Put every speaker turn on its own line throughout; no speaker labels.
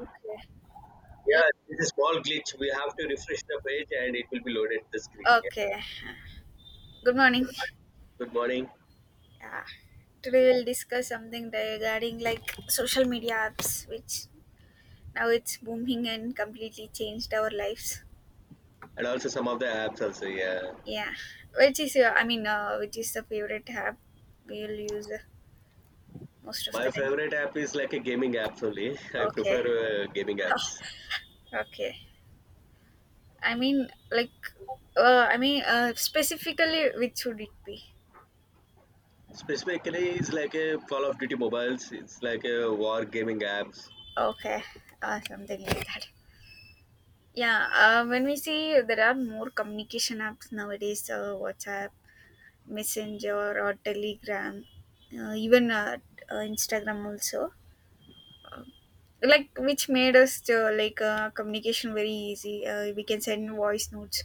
Okay.
Yeah, it's a small glitch. We have to refresh the page and it will be loaded the screen. Yeah.
Okay. Good morning.
Good morning.
Yeah. Today we'll discuss something regarding social media apps, which now it's booming and completely changed our lives.
And also some of the apps also. Yeah.
Yeah. Which is your? Which is the favorite app we'll use most of
My
the time?
favorite app is like a gaming apps only. I prefer
Okay.
gaming apps.
Okay. I mean, like, Specifically, which would it be?
Specifically, it's like a Call of Duty mobiles. It's like a war gaming apps
Okay. Something like that. Yeah, when we see there are more communication apps nowadays, WhatsApp, Messenger, or Telegram, even Instagram also. Uh, like which made us communication very easy. We can send voice notes,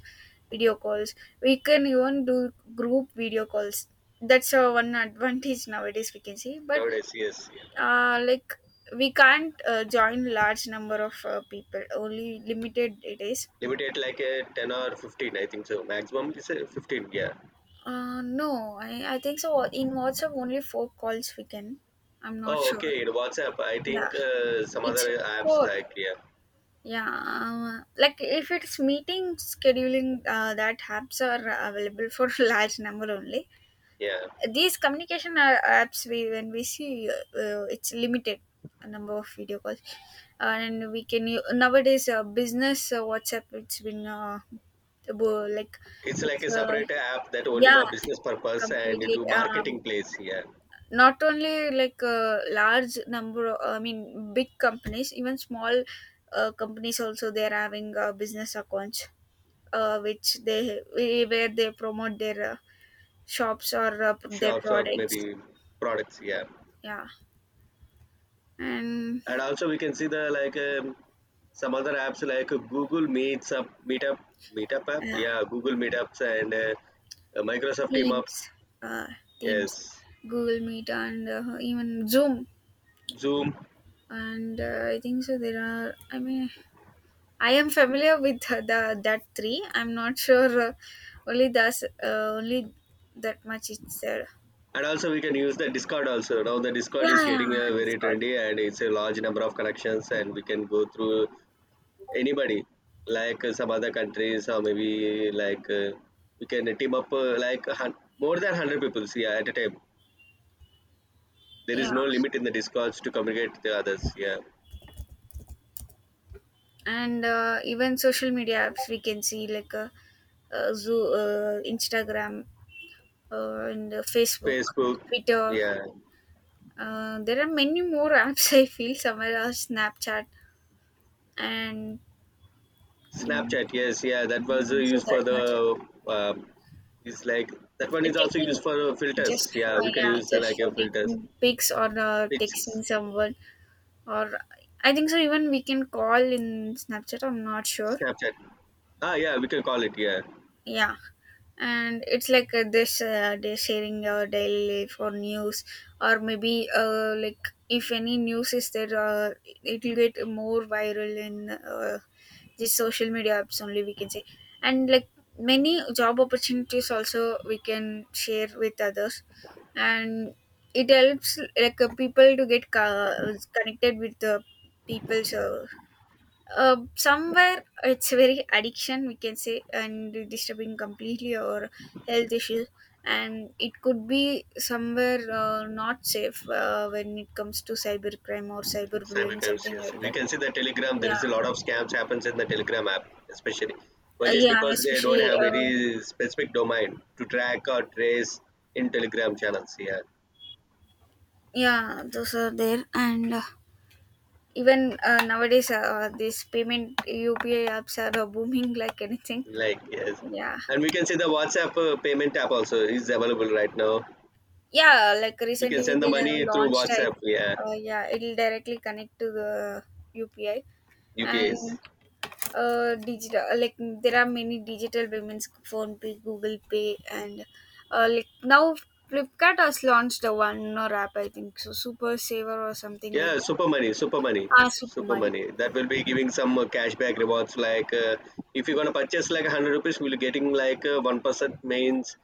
video calls. We can even do group video calls. That's one advantage nowadays we can see. But
nowadays. Yes. Yeah.
uh, like we can't join large number of people. Only limited it is.
Limited like a 10 or 15, I think so. Maximum is a 15. Yeah.
No, I think so. In WhatsApp, only four calls we can. I'm not
Oh,
sure.
okay. In WhatsApp, I
Yeah,
think some
it's
other apps
four.
like, yeah,
If it's meeting scheduling, that apps are available for large number only.
yeah.
These communication are apps we when we see it's limited number of video calls. And we can nowadays business WhatsApp. It's been bo- like
It's like
it's
a separate app that only
yeah
the business purpose and
completely
to marketing place here,
not only like a large number, I mean big companies, even small companies also they're having business accounts, which they where they promote their shops or their
shops or
products.
maybe products here.
Yeah, and
And also we can see the like some other apps like Google Meets up, Meetup, Meetup app,
yeah,
yeah, Google Meetups and Microsoft Team
teams,
Ups,
uh, teams,
yes,
Google Meet, and even Zoom.
Zoom,
And I think so there are, I mean, I am familiar with the that three. I'm not sure only that's uh, only that much it's said.
and also we can use the Discord also. Now the Discord is
Yeah, yeah,
getting
it's
very
called
trendy and it's a large number of connections and we can go through anybody, like some other countries or maybe, like, we can team up, like a more than 100 people, yeah, at a time. There
yeah.
is no limit in the discords to communicate with the others. Yeah.
And even social media apps we can see like Zoo, Instagram, and Facebook,
Facebook,
Twitter.
yeah.
There are many more apps. I feel somewhere else Snapchat and mm,
Snapchat, yes, yeah. That
I
was
think so
used
that
for
much.
the, um, it's like, that one is also
Taking
used for filters.
just
Yeah, we can
yeah,
use like
just for
a filters.
taking pics or
It's
texting someone or I think so. Even we can call in Snapchat. I'm not sure.
Snapchat. Ah, yeah, we can call it, yeah.
Yeah, and it's like this. They sharing your daily life or news, or maybe if any news is there, it will get more viral in these social media apps only, we can say. And like many job opportunities also we can share with others, and it helps people to get connected with the people's. Somewhere it's very addiction, we can say, and disturbing completely our health issues, and it could be somewhere not safe when it comes to cybercrime or cyberbullying
Cybercrimes,
something
yes.
like
We
that.
can see the Telegram. There is
Yeah,
a lot of scams happens in the Telegram app, especially. But just
yeah,
because they don't
especially,
have any specific domain to track or trace in Telegram channels, yeah.
yeah those are there. And even nowadays these payment UPI apps are booming like anything.
Like, yes,
Yeah
and we can see the WhatsApp payment app also is available right now.
Yeah, like
We can
recently
send the
they have
money through
launched type.
WhatsApp, yeah,
Yeah, it'll directly connect to the UPI,
UPIs.
and digital. Like there are many digital payments, phone pay, Google Pay, and now Flipkart has launched the one more app. I think so, Super Saver or something like
Yeah,
that.
super money, super money,
Ah, Super
super
Money.
money. That will be giving some cashback rewards. Like, if you're gonna purchase like 100 rupees, we'll getting like 1% means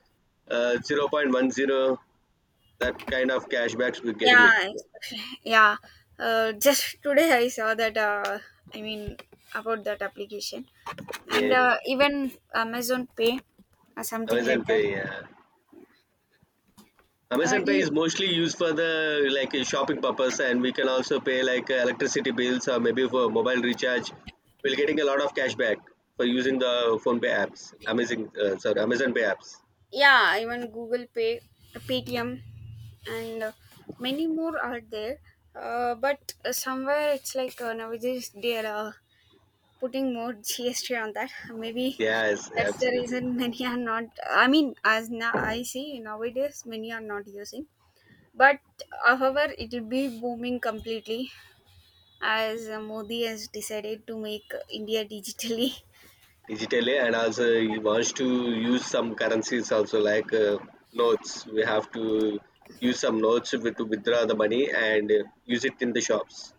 0.10. That kind of cashbacks we're getting
Yeah,
it.
especially, yeah. Just today I saw that. I mean about that application. And
Yeah,
even Amazon Pay or something
Amazon
like that.
Pay. Yeah, Amazon
Do
Pay
you—
is mostly used for the like shopping purpose, and we can also pay like electricity bills or maybe for mobile recharge. We're getting a lot of cashback for using the phone pay apps. Amazing, sorry, Amazon Pay apps.
yeah, even Google Pay, Paytm, and many more are there. But Somewhere it's like nowadays they are putting more GST on that. Maybe
Yes,
that's the
absolutely.
reason many are not, I mean, as now I see nowadays many are not using. But however, it will be booming completely as Modi has decided to make India digitally.
Digitally, and also he wants to use some currencies also like notes. We have to use some notes to withdraw the money and use it in the shops.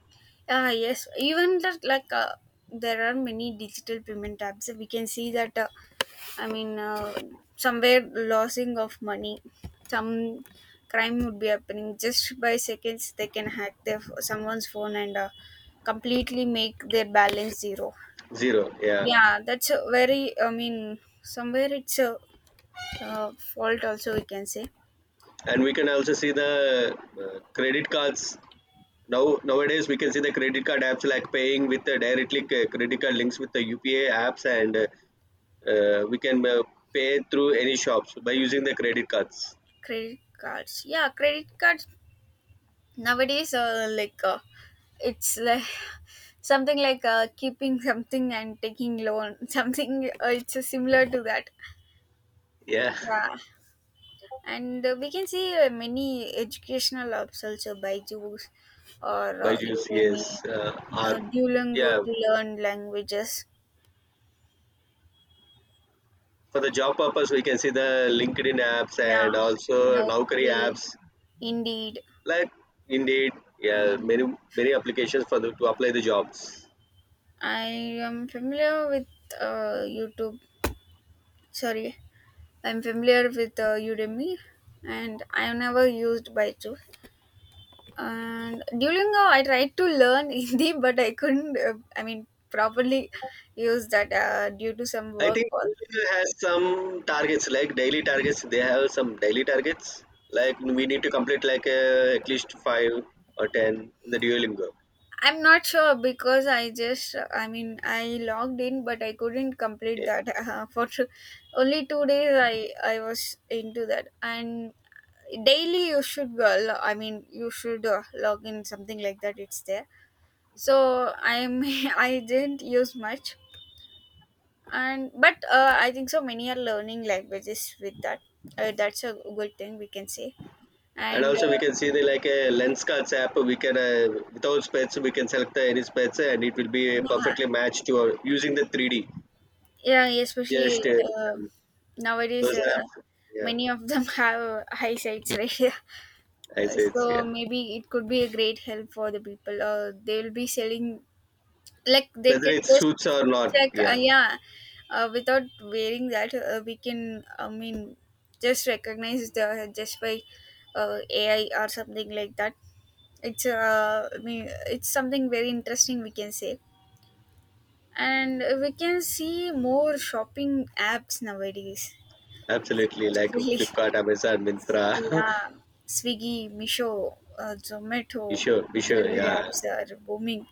Ah yes, even that like there are many digital payment apps, we can see that. I mean, uh, Somewhere losing of money, some crime would be happening just by seconds. They can hack their someone's phone and completely make their balance zero.
Zero, yeah.
Yeah, that's a very, I mean, somewhere it's a fault also, we can say.
And we can also see the credit cards now. Nowadays we can see the credit card apps like paying with directly credit card links with the upa apps, and we can pay through any shops by using the credit cards.
Credit cards, yeah, credit cards nowadays it's like something like keeping something and taking loan something, it's similar to that.
Yeah.
Yeah. And we can see many educational apps also by Jews or
By use,
Udemy,
yes, or.
Duolingo
Yeah,
to learn languages.
for the job purpose we can see the LinkedIn apps, and
Yeah,
also Naukri
Naukri,
apps,
Indeed.
like, indeed, yeah, many
um,
many applications for the to apply the jobs.
I am familiar with YouTube. Sorry, I'm familiar with Udemy, and I have never used Baidu. And Duolingo, I tried to learn Hindi, but I couldn't. Properly use that due to some
I
work.
think
Or
Google has some targets like daily targets, they have some daily targets, like we need to complete like at least five or 10 in the duolingo.
I'm not sure because I logged in, but I couldn't complete
Okay.
that. For only 2 days, I was into that, and daily you should go lo- I mean you should log in, something like that it's there. So I'm I didn't use much. And but I think so many are learning languages with that, that's a good thing we can say.
And
And
also we can see the like a lens cards app. We can without specs we can select the any specs and it will be perfectly matched to our, using the 3D,
yeah, yeah,
just
especially, nowadays,
those are, yeah.
many of them have high sights, right?
I say
So
it's, yeah.
maybe it could be a great help for the people, they will be selling, like they
Whether
can
it
just
suits or
check,
not, yeah,
yeah, without wearing that, we can I mean just recognize the just by AI or something like that. It's, it's something very interesting, we can say. And we can see more shopping apps nowadays,
absolutely. Like
actually.
Flipkart, Amazon, Mintra.
Yeah, Swiggy, Misho, Zomato,
Be sure, be sure.
delivery
Yeah.
apps are booming.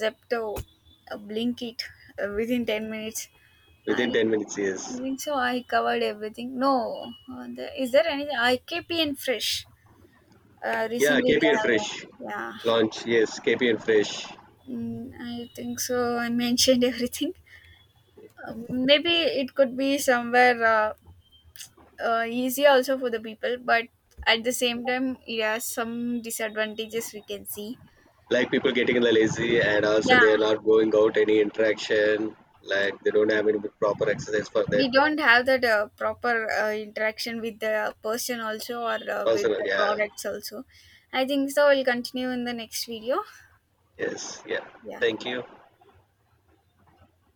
Zepto, Blinkit, within 10 minutes. I
Within 10 minutes,
I
yes.
think so, I covered everything. No, the, is there anything? IKP and Fresh.
Yeah,
Recently they
KPN
have
Fresh
launched.
launch, yes, KPN Fresh.
Yeah, mm, I think so, I mentioned everything. Maybe it could be somewhere easy also for the people, but at the same time, it has some disadvantages we can see.
Like people getting the lazy and also
Yeah,
they are not going out any interaction. Like they don't have any proper exercise for that.
we don't have that proper interaction with the person also, or with
Personal,
the
yeah.
products also. I think so, we'll continue in the next video.
Yes, yeah.
Yeah.
Thank you.